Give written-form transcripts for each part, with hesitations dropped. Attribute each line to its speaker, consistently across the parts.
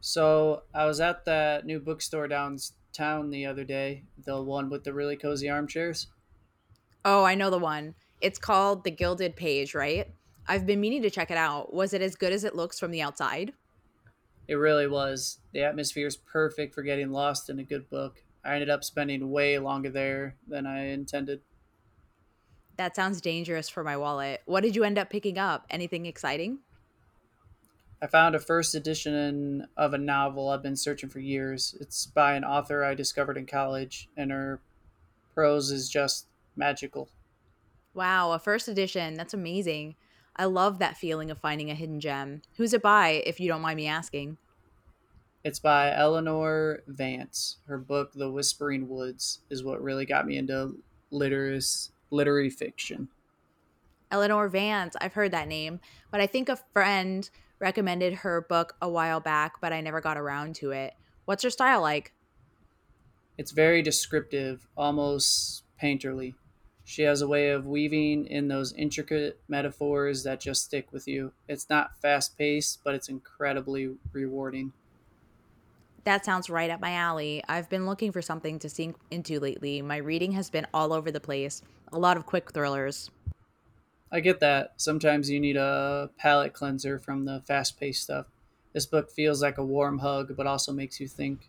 Speaker 1: So I was at that new bookstore downtown the other day, the one with the really cozy armchairs.
Speaker 2: Oh, I know the one. It's called The Gilded Page, right? I've been meaning to check it out. Was it as good as it looks from the outside?
Speaker 1: It really was. The atmosphere is perfect for getting lost in a good book. I ended up spending way longer there than I intended.
Speaker 2: That sounds dangerous for my wallet. What did you end up picking up? Anything exciting?
Speaker 1: I found a first edition of a novel I've been searching for years. It's by an author I discovered in college, and her prose is just magical.
Speaker 2: Wow, a first edition. That's amazing. I love that feeling of finding a hidden gem. Who's it by, if you don't mind me asking?
Speaker 1: It's by Eleanor Vance. Her book, The Whispering Woods, is what really got me into literary fiction.
Speaker 2: Eleanor Vance. I've heard that name, but I think a friend recommended her book a while back, but I never got around to it. What's her style like?
Speaker 1: It's very descriptive, almost painterly. She has a way of weaving in those intricate metaphors that just stick with you. It's not fast paced, but it's incredibly rewarding.
Speaker 2: That sounds right up my alley. I've been looking for something to sink into lately. My reading has been all over the place, a lot of quick thrillers.
Speaker 1: I get that. Sometimes you need a palate cleanser from the fast paced stuff. This book feels like a warm hug, but also makes you think.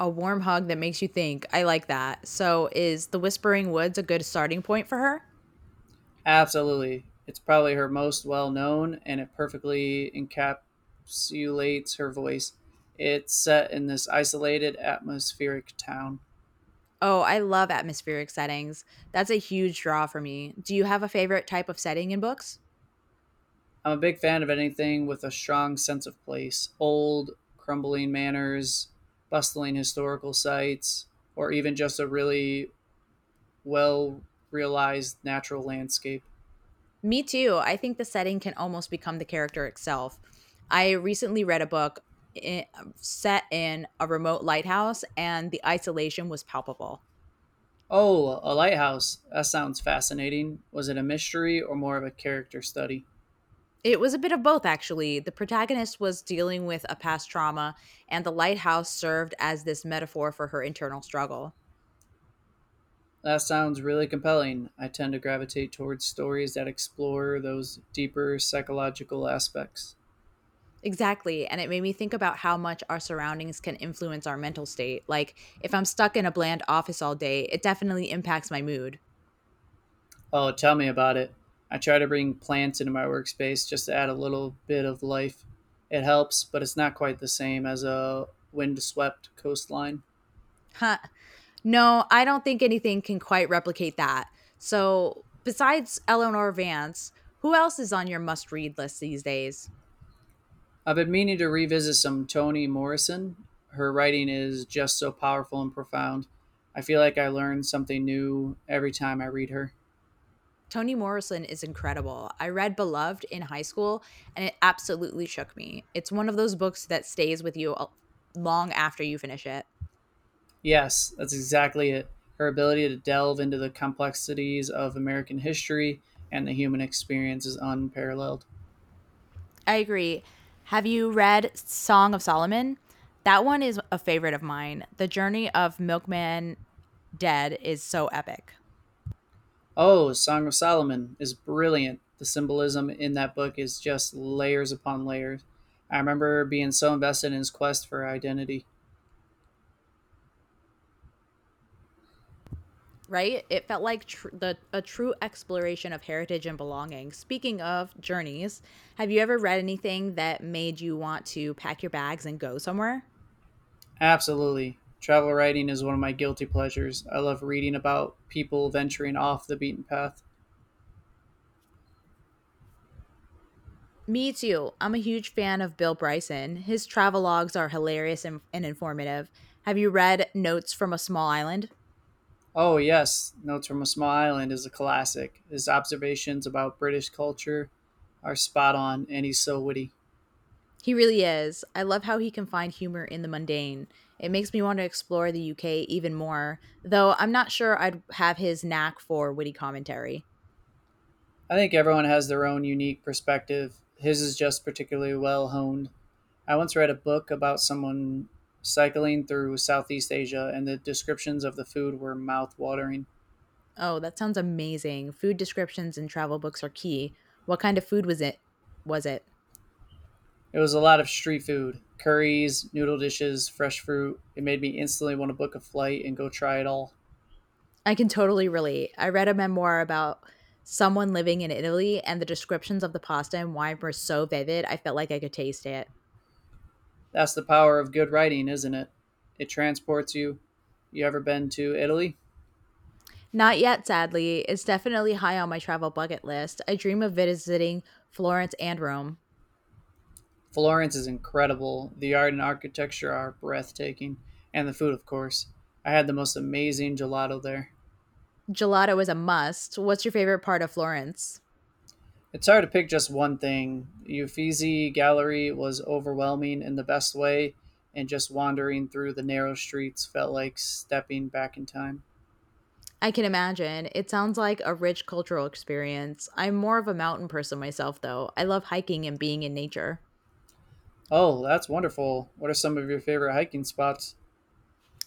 Speaker 2: A warm hug that makes you think. I like that. So, is The Whispering Woods a good starting point for her?
Speaker 1: Absolutely. It's probably her most well known and it perfectly encapsulates her voice. It's set in this isolated, atmospheric town.
Speaker 2: Oh, I love atmospheric settings. That's a huge draw for me. Do you have a favorite type of setting in books?
Speaker 1: I'm a big fan of anything with a strong sense of place old, crumbling manors, bustling historical sites, or even just a really well realized natural landscape.
Speaker 2: Me too. I think the setting can almost become the character itself. I recently read a book i- set in a remote lighthouse, and the isolation was palpable.
Speaker 1: Oh, a lighthouse. That sounds fascinating. Was it a mystery or more of a character study?
Speaker 2: It was a bit of both, actually. The protagonist was dealing with a past trauma, and the lighthouse served as this metaphor for her internal struggle.
Speaker 1: That sounds really compelling. I tend to gravitate towards stories that explore those deeper psychological aspects.
Speaker 2: Exactly. And it made me think about how much our surroundings can influence our mental state. Like, if I'm stuck in a bland office all day, it definitely impacts my mood.
Speaker 1: Oh, tell me about it. I try to bring plants into my workspace just to add a little bit of life. It helps, but it's not quite the same as a windswept coastline.
Speaker 2: Huh. No, I don't think anything can quite replicate that. So, besides Eleanor Vance, who else is on your must read list these days?
Speaker 1: I've been meaning to revisit some Toni Morrison. Her writing is just so powerful and profound. I feel like I learn something new every time I read her.
Speaker 2: Toni Morrison is incredible. I read Beloved in high school and it absolutely shook me. It's one of those books that stays with you long after you finish it.
Speaker 1: Yes, that's exactly it. Her ability to delve into the complexities of American history and the human experience is unparalleled.
Speaker 2: I agree. Have you read Song of Solomon? That one is a favorite of mine. The journey of Milkman Dead is so epic,
Speaker 1: Oh, Song of Solomon is brilliant. The symbolism in that book is just layers upon layers. I remember being so invested in his quest for identity.
Speaker 2: right? It felt like tr- the a true exploration of heritage and belonging. Speaking of journeys, have you ever read anything that made you want to pack your bags and go somewhere?
Speaker 1: Absolutely. Travel writing is one of my guilty pleasures. I love reading about people venturing off the beaten path.
Speaker 2: Me too. I'm a huge fan of Bill Bryson. His travelogues are hilarious and informative. Have you read Notes from a Small Island?
Speaker 1: Oh, yes, Notes from a Small Island is a classic. His observations about British culture are spot on, and he's so witty.
Speaker 2: He really is. I love how he can find humor in the mundane. It makes me want to explore the UK even more, though I'm not sure I'd have his knack for witty commentary.
Speaker 1: I think everyone has their own unique perspective. His is just particularly well honed. I once read a book about someone cycling through Southeast Asia, and the descriptions of the food were mouth watering.
Speaker 2: Oh, that sounds amazing. Food descriptions and travel books are key. What kind of food was it? Was it?
Speaker 1: It was a lot of street food curries, noodle dishes, fresh fruit. It made me instantly want to book a flight and go try it all.
Speaker 2: I can totally relate. I read a memoir about someone living in Italy, and the descriptions of the pasta and wine were so vivid, I felt like I could taste it.
Speaker 1: That's the power of good writing, isn't it? It transports you. You ever been to Italy?
Speaker 2: Not yet, sadly. It's definitely high on my travel bucket list. I dream of visiting Florence and Rome.
Speaker 1: Florence is incredible. The art and architecture are breathtaking, and the food, of course. I had the most amazing gelato there.
Speaker 2: Gelato is a must. What's your favorite part of Florence?
Speaker 1: It's hard to pick just one thing. The Uffizi Gallery was overwhelming in the best way, and just wandering through the narrow streets felt like stepping back in time.
Speaker 2: I can imagine. It sounds like a rich cultural experience. I'm more of a mountain person myself, though. I love hiking and being in nature.
Speaker 1: Oh, that's wonderful. What are some of your favorite hiking spots?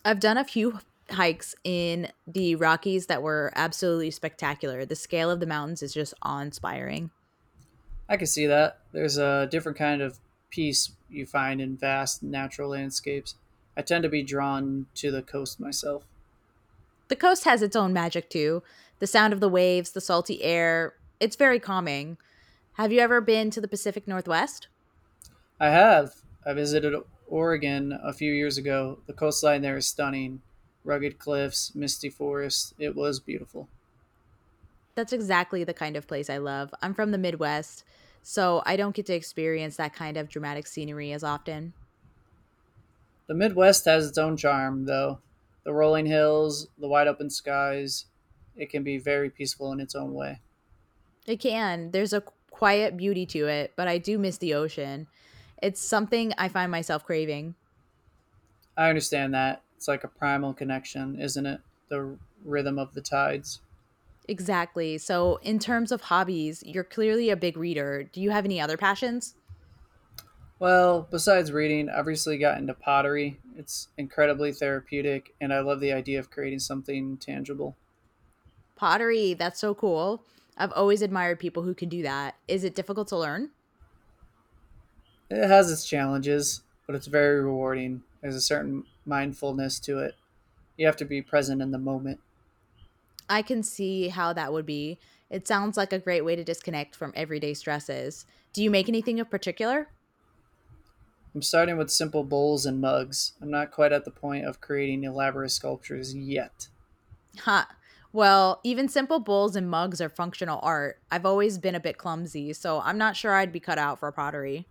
Speaker 2: I've done a few hikes in the Rockies that were absolutely spectacular. The scale of the mountains is just awe inspiring.
Speaker 1: I can see that. There's a different kind of peace you find in vast natural landscapes. I tend to be drawn to the coast myself.
Speaker 2: The coast has its own magic too, the sound of the waves, the salty air. It's very calming. Have you ever been to the Pacific Northwest?
Speaker 1: I have. I visited Oregon a few years ago. The coastline there is stunning rugged cliffs, misty forests. It was beautiful.
Speaker 2: That's exactly the kind of place I love. I'm from the Midwest, so I don't get to experience that kind of dramatic scenery as often.
Speaker 1: The Midwest has its own charm, though. The rolling hills, the wide open skies, it can be very peaceful in its own way.
Speaker 2: It can. There's a quiet beauty to it, but I do miss the ocean. It's something I find myself craving.
Speaker 1: I understand that. It's like a primal connection, isn't it? The rhythm of the tides.
Speaker 2: Exactly. So, in terms of hobbies, you're clearly a big reader. Do you have any other passions?
Speaker 1: Well, besides reading, I've recently got into pottery. It's incredibly therapeutic, and I love the idea of creating something tangible.
Speaker 2: Pottery, that's so cool. I've always admired people who can do that. Is it difficult to learn?
Speaker 1: It has its challenges, but it's very rewarding. There's a certain mindfulness to it. You have to be present in the moment.
Speaker 2: I can see how that would be. It sounds like a great way to disconnect from everyday stresses. Do you make anything in particular?
Speaker 1: I'm starting with simple bowls and mugs. I'm not quite at the point of creating elaborate sculptures yet.
Speaker 2: Huh. Well, even simple bowls and mugs are functional art. I've always been a bit clumsy, so I'm not sure I'd be cut out for pottery.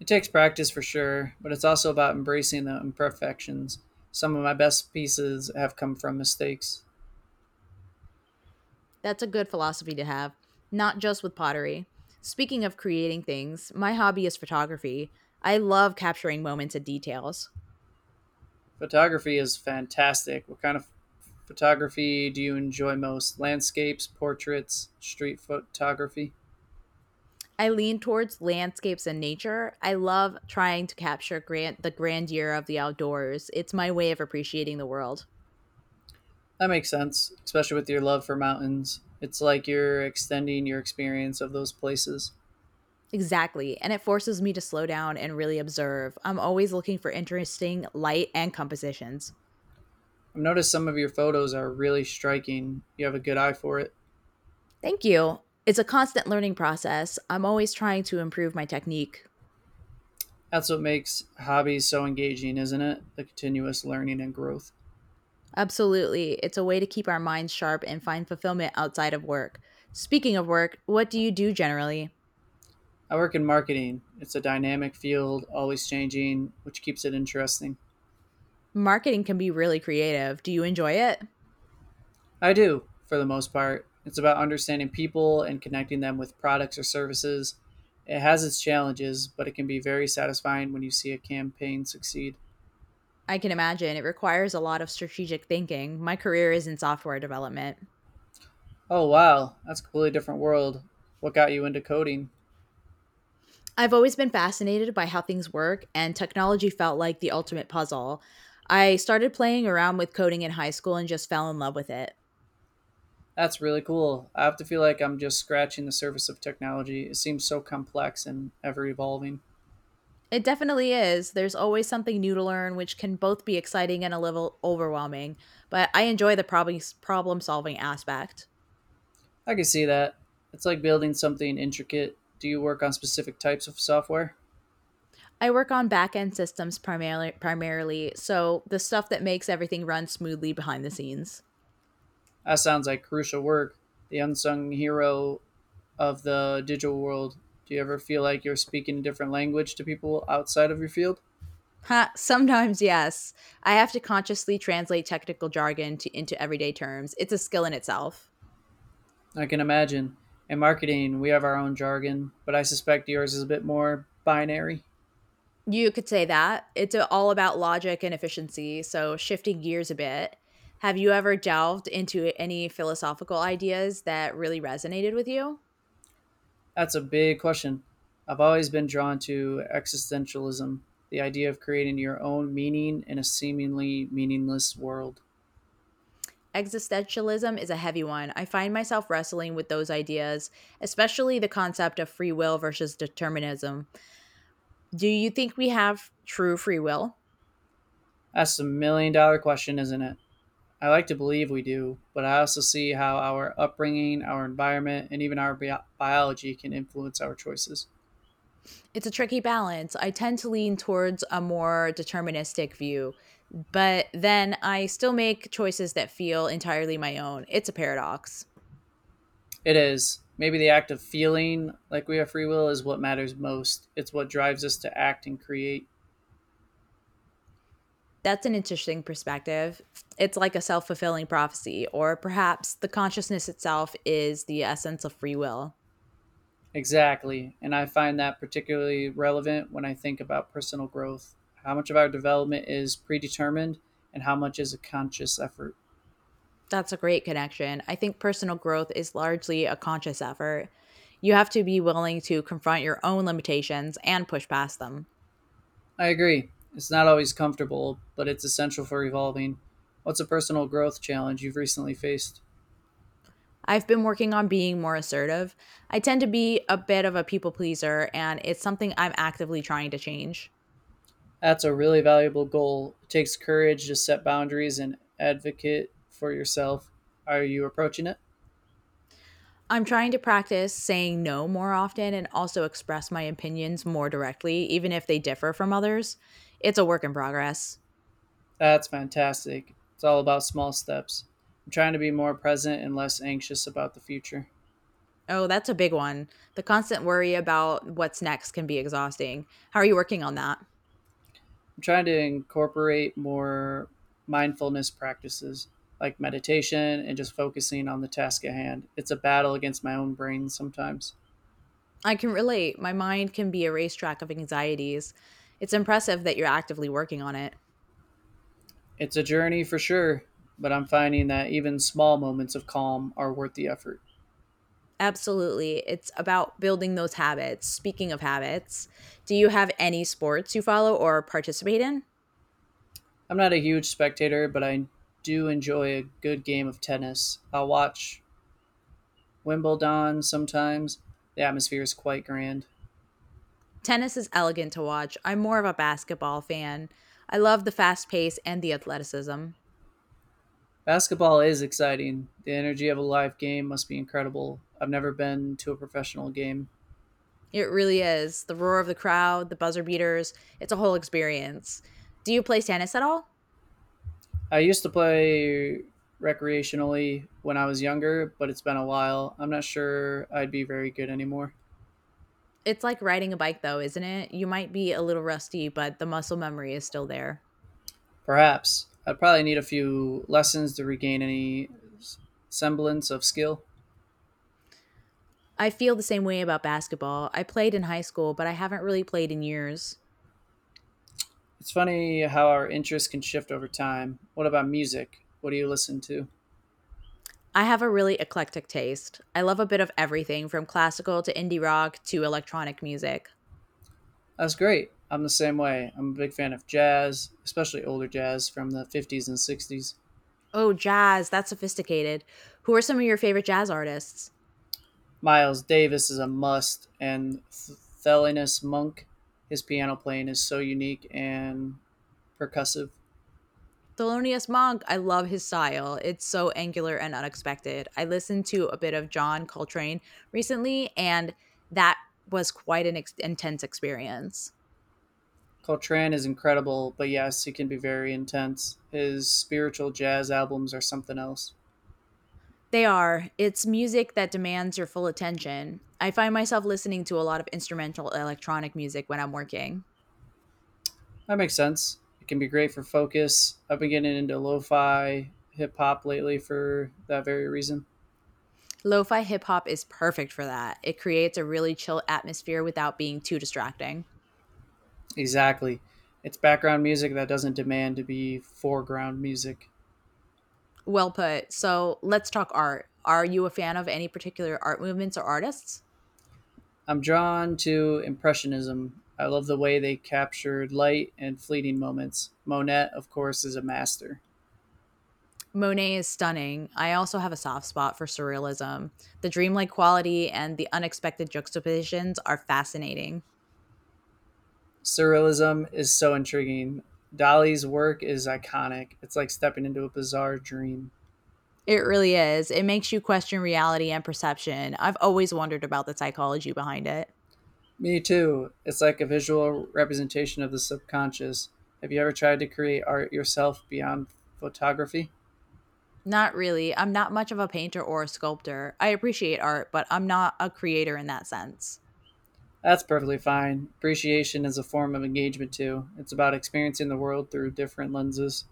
Speaker 1: It takes practice for sure, but it's also about embracing the imperfections. Some of my best pieces have come from mistakes.
Speaker 2: That's a good philosophy to have, not just with pottery. Speaking of creating things, my hobby is photography. I love capturing moments and details.
Speaker 1: Photography is fantastic. What kind of photography do you enjoy most? Landscapes, portraits, street photography?
Speaker 2: I lean towards landscapes and nature. I love trying to capture the grandeur of the outdoors. It's my way of appreciating the world.
Speaker 1: That makes sense, especially with your love for mountains. It's like you're extending your experience of those places.
Speaker 2: Exactly. And it forces me to slow down and really observe. I'm always looking for interesting light and compositions.
Speaker 1: I've noticed some of your photos are really striking. You have a good eye for it.
Speaker 2: Thank you. It's a constant learning process. I'm always trying to improve my technique.
Speaker 1: That's what makes hobbies so engaging, isn't it? The continuous learning and growth.
Speaker 2: Absolutely. It's a way to keep our minds sharp and find fulfillment outside of work. Speaking of work, what do you do generally?
Speaker 1: I work in marketing. It's a dynamic field, always changing, which keeps it interesting.
Speaker 2: Marketing can be really creative. Do you enjoy it?
Speaker 1: I do, for the most part. It's about understanding people and connecting them with products or services. It has its challenges, but it can be very satisfying when you see a campaign succeed.
Speaker 2: I can imagine it requires a lot of strategic thinking. My career is in software development.
Speaker 1: Oh, wow, that's a completely different world. What got you into coding?
Speaker 2: I've always been fascinated by how things work, and technology felt like the ultimate puzzle. I started playing around with coding in high school and just fell in love with it.
Speaker 1: That's really cool. I have to feel like I'm just scratching the surface of technology. It seems so complex and ever evolving.
Speaker 2: It definitely is. There's always something new to learn, which can both be exciting and a little overwhelming, but I enjoy the problem solving aspect.
Speaker 1: I can see that. It's like building something intricate. Do you work on specific types of software?
Speaker 2: I work on back end systems primarily, so the stuff that makes everything run smoothly behind the scenes.
Speaker 1: That sounds like crucial work the unsung hero of the digital world? Do you ever feel like you're speaking a different language to people outside of your field?
Speaker 2: Ha, sometimes, yes, I have to consciously translate technical jargon into everyday terms. It's a skill in itself.
Speaker 1: I can imagine. In marketing, we have our own jargon, but I suspect yours is a bit more binary.
Speaker 2: You could say that. It's all about logic and efficiency. So, shifting gears a bit, have you ever delved into any philosophical ideas that really resonated with you?
Speaker 1: That's a big question. I've always been drawn to existentialism, the idea of creating your own meaning in a seemingly meaningless world.
Speaker 2: Existentialism is a heavy one. I find myself wrestling with those ideas, especially the concept of free will versus determinism. Do you think we have true free will?
Speaker 1: That's a million dollar question, isn't it? I like to believe we do, but I also see how our upbringing, our environment, and even our biology can influence our choices.
Speaker 2: It's a tricky balance. I tend to lean towards a more deterministic view, but then I still make choices that feel entirely my own. It's a paradox.
Speaker 1: It is. Maybe the act of feeling like we have free will is what matters most. It's what drives us to act and create.
Speaker 2: That's an interesting perspective. It's like a self fulfilling prophecy, or perhaps the consciousness itself is the essence of free will.
Speaker 1: Exactly. And I find that particularly relevant when I think about personal growth. How much of our development is predetermined and how much is a conscious effort?
Speaker 2: That's a great connection. I think personal growth is largely a conscious effort. You have to be willing to confront your own limitations and push past them.
Speaker 1: I agree. It's not always comfortable, but it's essential for evolving. What's a personal growth challenge you've recently faced?
Speaker 2: I've been working on being more assertive. I tend to be a bit of a people pleaser, and it's something I'm actively trying to change.
Speaker 1: That's a really valuable goal. It takes courage to set boundaries and advocate for yourself. Are you approaching it?
Speaker 2: I'm trying to practice saying no more often and also express my opinions more directly, even if they differ from others. It's a work in progress.
Speaker 1: That's fantastic. It's all about small steps. I'm trying to be more present and less anxious about the future.
Speaker 2: Oh, that's a big one. The constant worry about what's next can be exhausting. How are you working on that?
Speaker 1: I'm trying to incorporate more mindfulness practices like meditation and just focusing on the task at hand. It's a battle against my own brain sometimes.
Speaker 2: I can relate. My mind can be a racetrack of anxieties. It's impressive that you're actively working on it.
Speaker 1: It's a journey for sure, but I'm finding that even small moments of calm are worth the effort.
Speaker 2: Absolutely. It's about building those habits. Speaking of habits, do you have any sports you follow or participate in?
Speaker 1: I'm not a huge spectator, but I do enjoy a good game of tennis. I'll watch Wimbledon sometimes. The atmosphere is quite grand.
Speaker 2: Tennis is elegant to watch. I'm more of a basketball fan. I love the fast pace and the athleticism.
Speaker 1: Basketball is exciting. The energy of a live game must be incredible. I've never been to a professional game.
Speaker 2: It really is. The roar of the crowd, the buzzer beaters, it's a whole experience. Do you play tennis at all?
Speaker 1: I used to play recreationally when I was younger, but it's been a while. I'm not sure I'd be very good anymore.
Speaker 2: It's like riding a bike, though, isn't it? You might be a little rusty, but the muscle memory is still there.
Speaker 1: Perhaps. I'd probably need a few lessons to regain any semblance of skill.
Speaker 2: I feel the same way about basketball. I played in high school, but I haven't really played in years.
Speaker 1: It's funny how our interests can shift over time. What about music? What do you listen to?
Speaker 2: I have a really eclectic taste. I love a bit of everything from classical to indie rock to electronic music.
Speaker 1: That's great. I'm the same way. I'm a big fan of jazz, especially older jazz from the 50s and 60s.
Speaker 2: Oh, jazz. That's sophisticated. Who are some of your favorite jazz artists?
Speaker 1: Miles Davis is a must, and Thelonious Monk, his piano playing is so unique and percussive.
Speaker 2: Thelonious Monk. I love his style. It's so angular and unexpected. I listened to a bit of John Coltrane recently, and that was quite an intense experience.
Speaker 1: Coltrane is incredible, but yes, he can be very intense. His spiritual jazz albums are something else.
Speaker 2: They are. It's music that demands your full attention. I find myself listening to a lot of instrumental electronic music when I'm working.
Speaker 1: That makes sense. It can be great for focus. I've been getting into lo fi hip hop lately for that very reason.
Speaker 2: Lo fi hip hop is perfect for that. It creates a really chill atmosphere without being too distracting.
Speaker 1: Exactly. It's background music that doesn't demand to be foreground music.
Speaker 2: Well put. So let's talk art. Are you a fan of any particular art movements or artists?
Speaker 1: I'm drawn to Impressionism. I love the way they captured light and fleeting moments. Monet, of course, is a master.
Speaker 2: Monet is stunning. I also have a soft spot for surrealism. The dreamlike quality and the unexpected juxtapositions are fascinating.
Speaker 1: Surrealism is so intriguing. Dali's work is iconic. It's like stepping into a bizarre dream.
Speaker 2: It really is. It makes you question reality and perception. I've always wondered about the psychology behind it.
Speaker 1: Me too. It's like a visual representation of the subconscious. Have you ever tried to create art yourself beyond photography?
Speaker 2: Not really. I'm not much of a painter or a sculptor. I appreciate art, but I'm not a creator in that sense.
Speaker 1: That's perfectly fine. Appreciation is a form of engagement too. It's about experiencing the world through different lenses.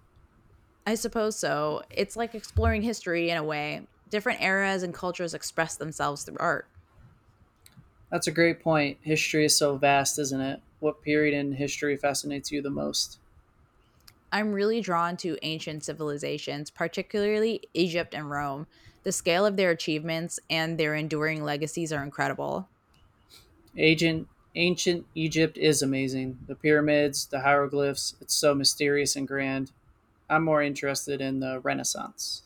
Speaker 2: I suppose so. It's like exploring history in a way. Different eras and cultures express themselves through art.
Speaker 1: That's a great point. History is so vast, isn't it? What period in history fascinates you the most?
Speaker 2: I'm really drawn to ancient civilizations, particularly Egypt and Rome. The scale of their achievements and their enduring legacies are incredible.
Speaker 1: Agent, ancient Egypt is amazing. The pyramids, the hieroglyphs, it's so mysterious and grand. I'm more interested in the Renaissance.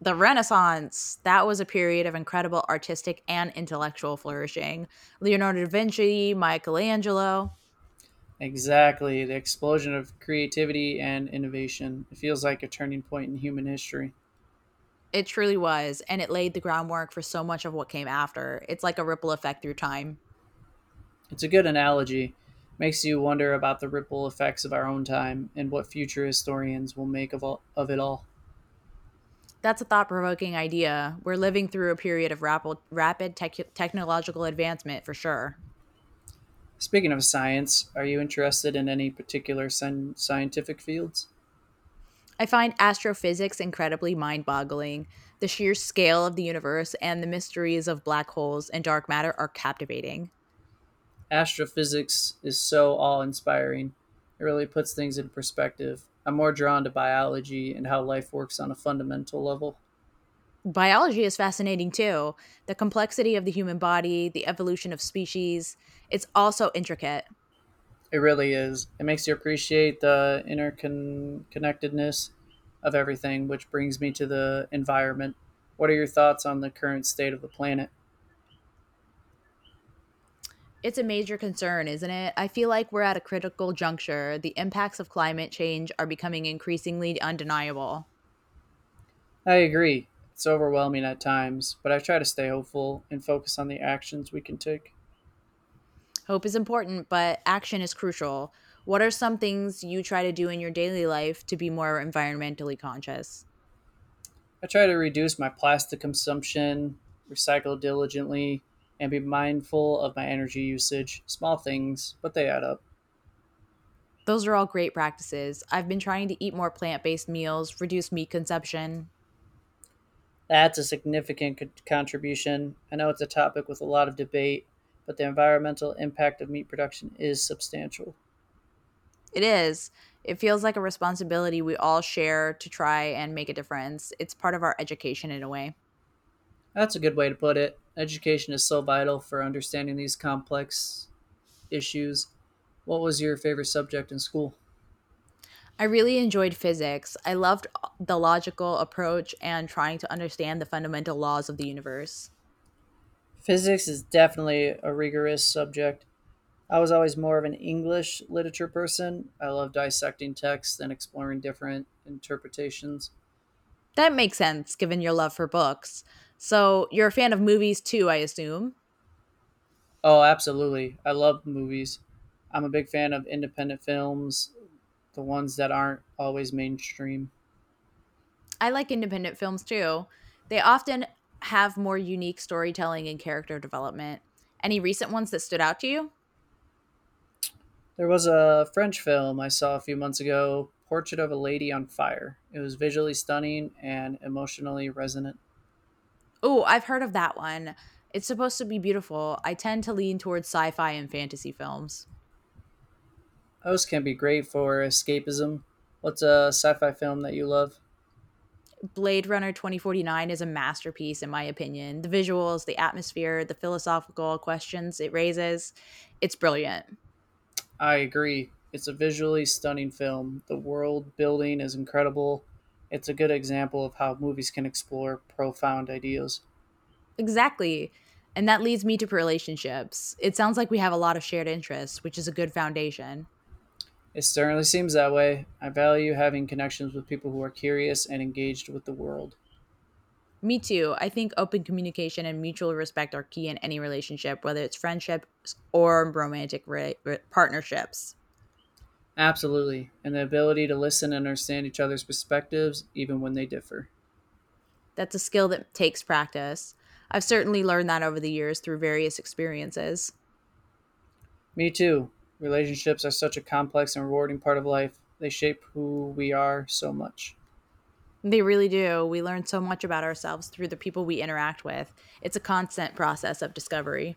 Speaker 2: The Renaissance, that was a period of incredible artistic and intellectual flourishing. Leonardo da Vinci, Michelangelo,
Speaker 1: Exactly, the explosion of creativity and innovation. It feels like a turning point in human history.
Speaker 2: it truly was, and it laid the groundwork for so much of what came after. It's like a ripple effect through time.
Speaker 1: It's a good analogy. Makes you wonder about the ripple effects of our own time and what future historians will make of, of it all.
Speaker 2: That's a thought provoking idea. We're living through a period of rapid technological advancement for sure.
Speaker 1: Speaking of science, are you interested in any particular scientific fields?
Speaker 2: I find astrophysics incredibly mind boggling. The sheer scale of the universe and the mysteries of black holes and dark matter are captivating.
Speaker 1: Astrophysics is so awe inspiring. It really puts things in perspective. I'm more drawn to biology and how life works on a fundamental level.
Speaker 2: Biology is fascinating too. The complexity of the human body, the evolution of species, it's also intricate.
Speaker 1: It really is. It makes you appreciate the interconnectedness of everything, which brings me to the environment. What are your thoughts on the current state of the planet?
Speaker 2: It's a major concern, isn't it? I feel like we're at a critical juncture. The impacts of climate change are becoming increasingly undeniable.
Speaker 1: I agree. It's overwhelming at times, but I try to stay hopeful and focus on the actions we can take.
Speaker 2: Hope is important, but action is crucial. What are some things you try to do in your daily life to be more environmentally conscious?
Speaker 1: I try to reduce my plastic consumption, recycle diligently, and be mindful of my energy usage. Small things, but they add up.
Speaker 2: Those are all great practices. I've been trying to eat more plant based meals, reduce meat consumption.
Speaker 1: That's a significant contribution. I know it's a topic with a lot of debate, but the environmental impact of meat production is substantial.
Speaker 2: It is. It feels like a responsibility we all share to try and make a difference. It's part of our education in a way.
Speaker 1: That's a good way to put it. Education is so vital for understanding these complex issues. What was your favorite subject in school?
Speaker 2: I really enjoyed physics. I loved the logical approach and trying to understand the fundamental laws of the universe.
Speaker 1: Physics is definitely a rigorous subject. I was always more of an English literature person. I love dissecting texts and exploring different interpretations.
Speaker 2: That makes sense given your love for books. So, you're a fan of movies too, I assume.
Speaker 1: Oh, absolutely. I love movies. I'm a big fan of independent films, the ones that aren't always mainstream.
Speaker 2: I like independent films too. They often have more unique storytelling and character development. Any recent ones that stood out to you?
Speaker 1: There was a French film I saw a few months ago, Portrait of a Lady on Fire. It was visually stunning and emotionally resonant.
Speaker 2: Oh, I've heard of that one. It's supposed to be beautiful. I tend to lean towards sci fi and fantasy films.
Speaker 1: Those can be great for escapism. What's a sci fi film that you love?
Speaker 2: Blade Runner 2049 is a masterpiece, in my opinion. The visuals, the atmosphere, the philosophical questions it raises, it's brilliant.
Speaker 1: I agree. It's a visually stunning film. The world building is incredible. It's a good example of how movies can explore profound ideas.
Speaker 2: Exactly. And that leads me to relationships. It sounds like we have a lot of shared interests, which is a good foundation.
Speaker 1: It certainly seems that way. I value having connections with people who are curious and engaged with the world.
Speaker 2: Me too. I think open communication and mutual respect are key in any relationship, whether it's friendships or romantic partnerships.
Speaker 1: Absolutely. And the ability to listen and understand each other's perspectives, even when they differ.
Speaker 2: That's a skill that takes practice. I've certainly learned that over the years through various experiences.
Speaker 1: Me too. Relationships are such a complex and rewarding part of life. They shape who we are so much.
Speaker 2: They really do. We learn so much about ourselves through the people we interact with. It's a constant process of discovery.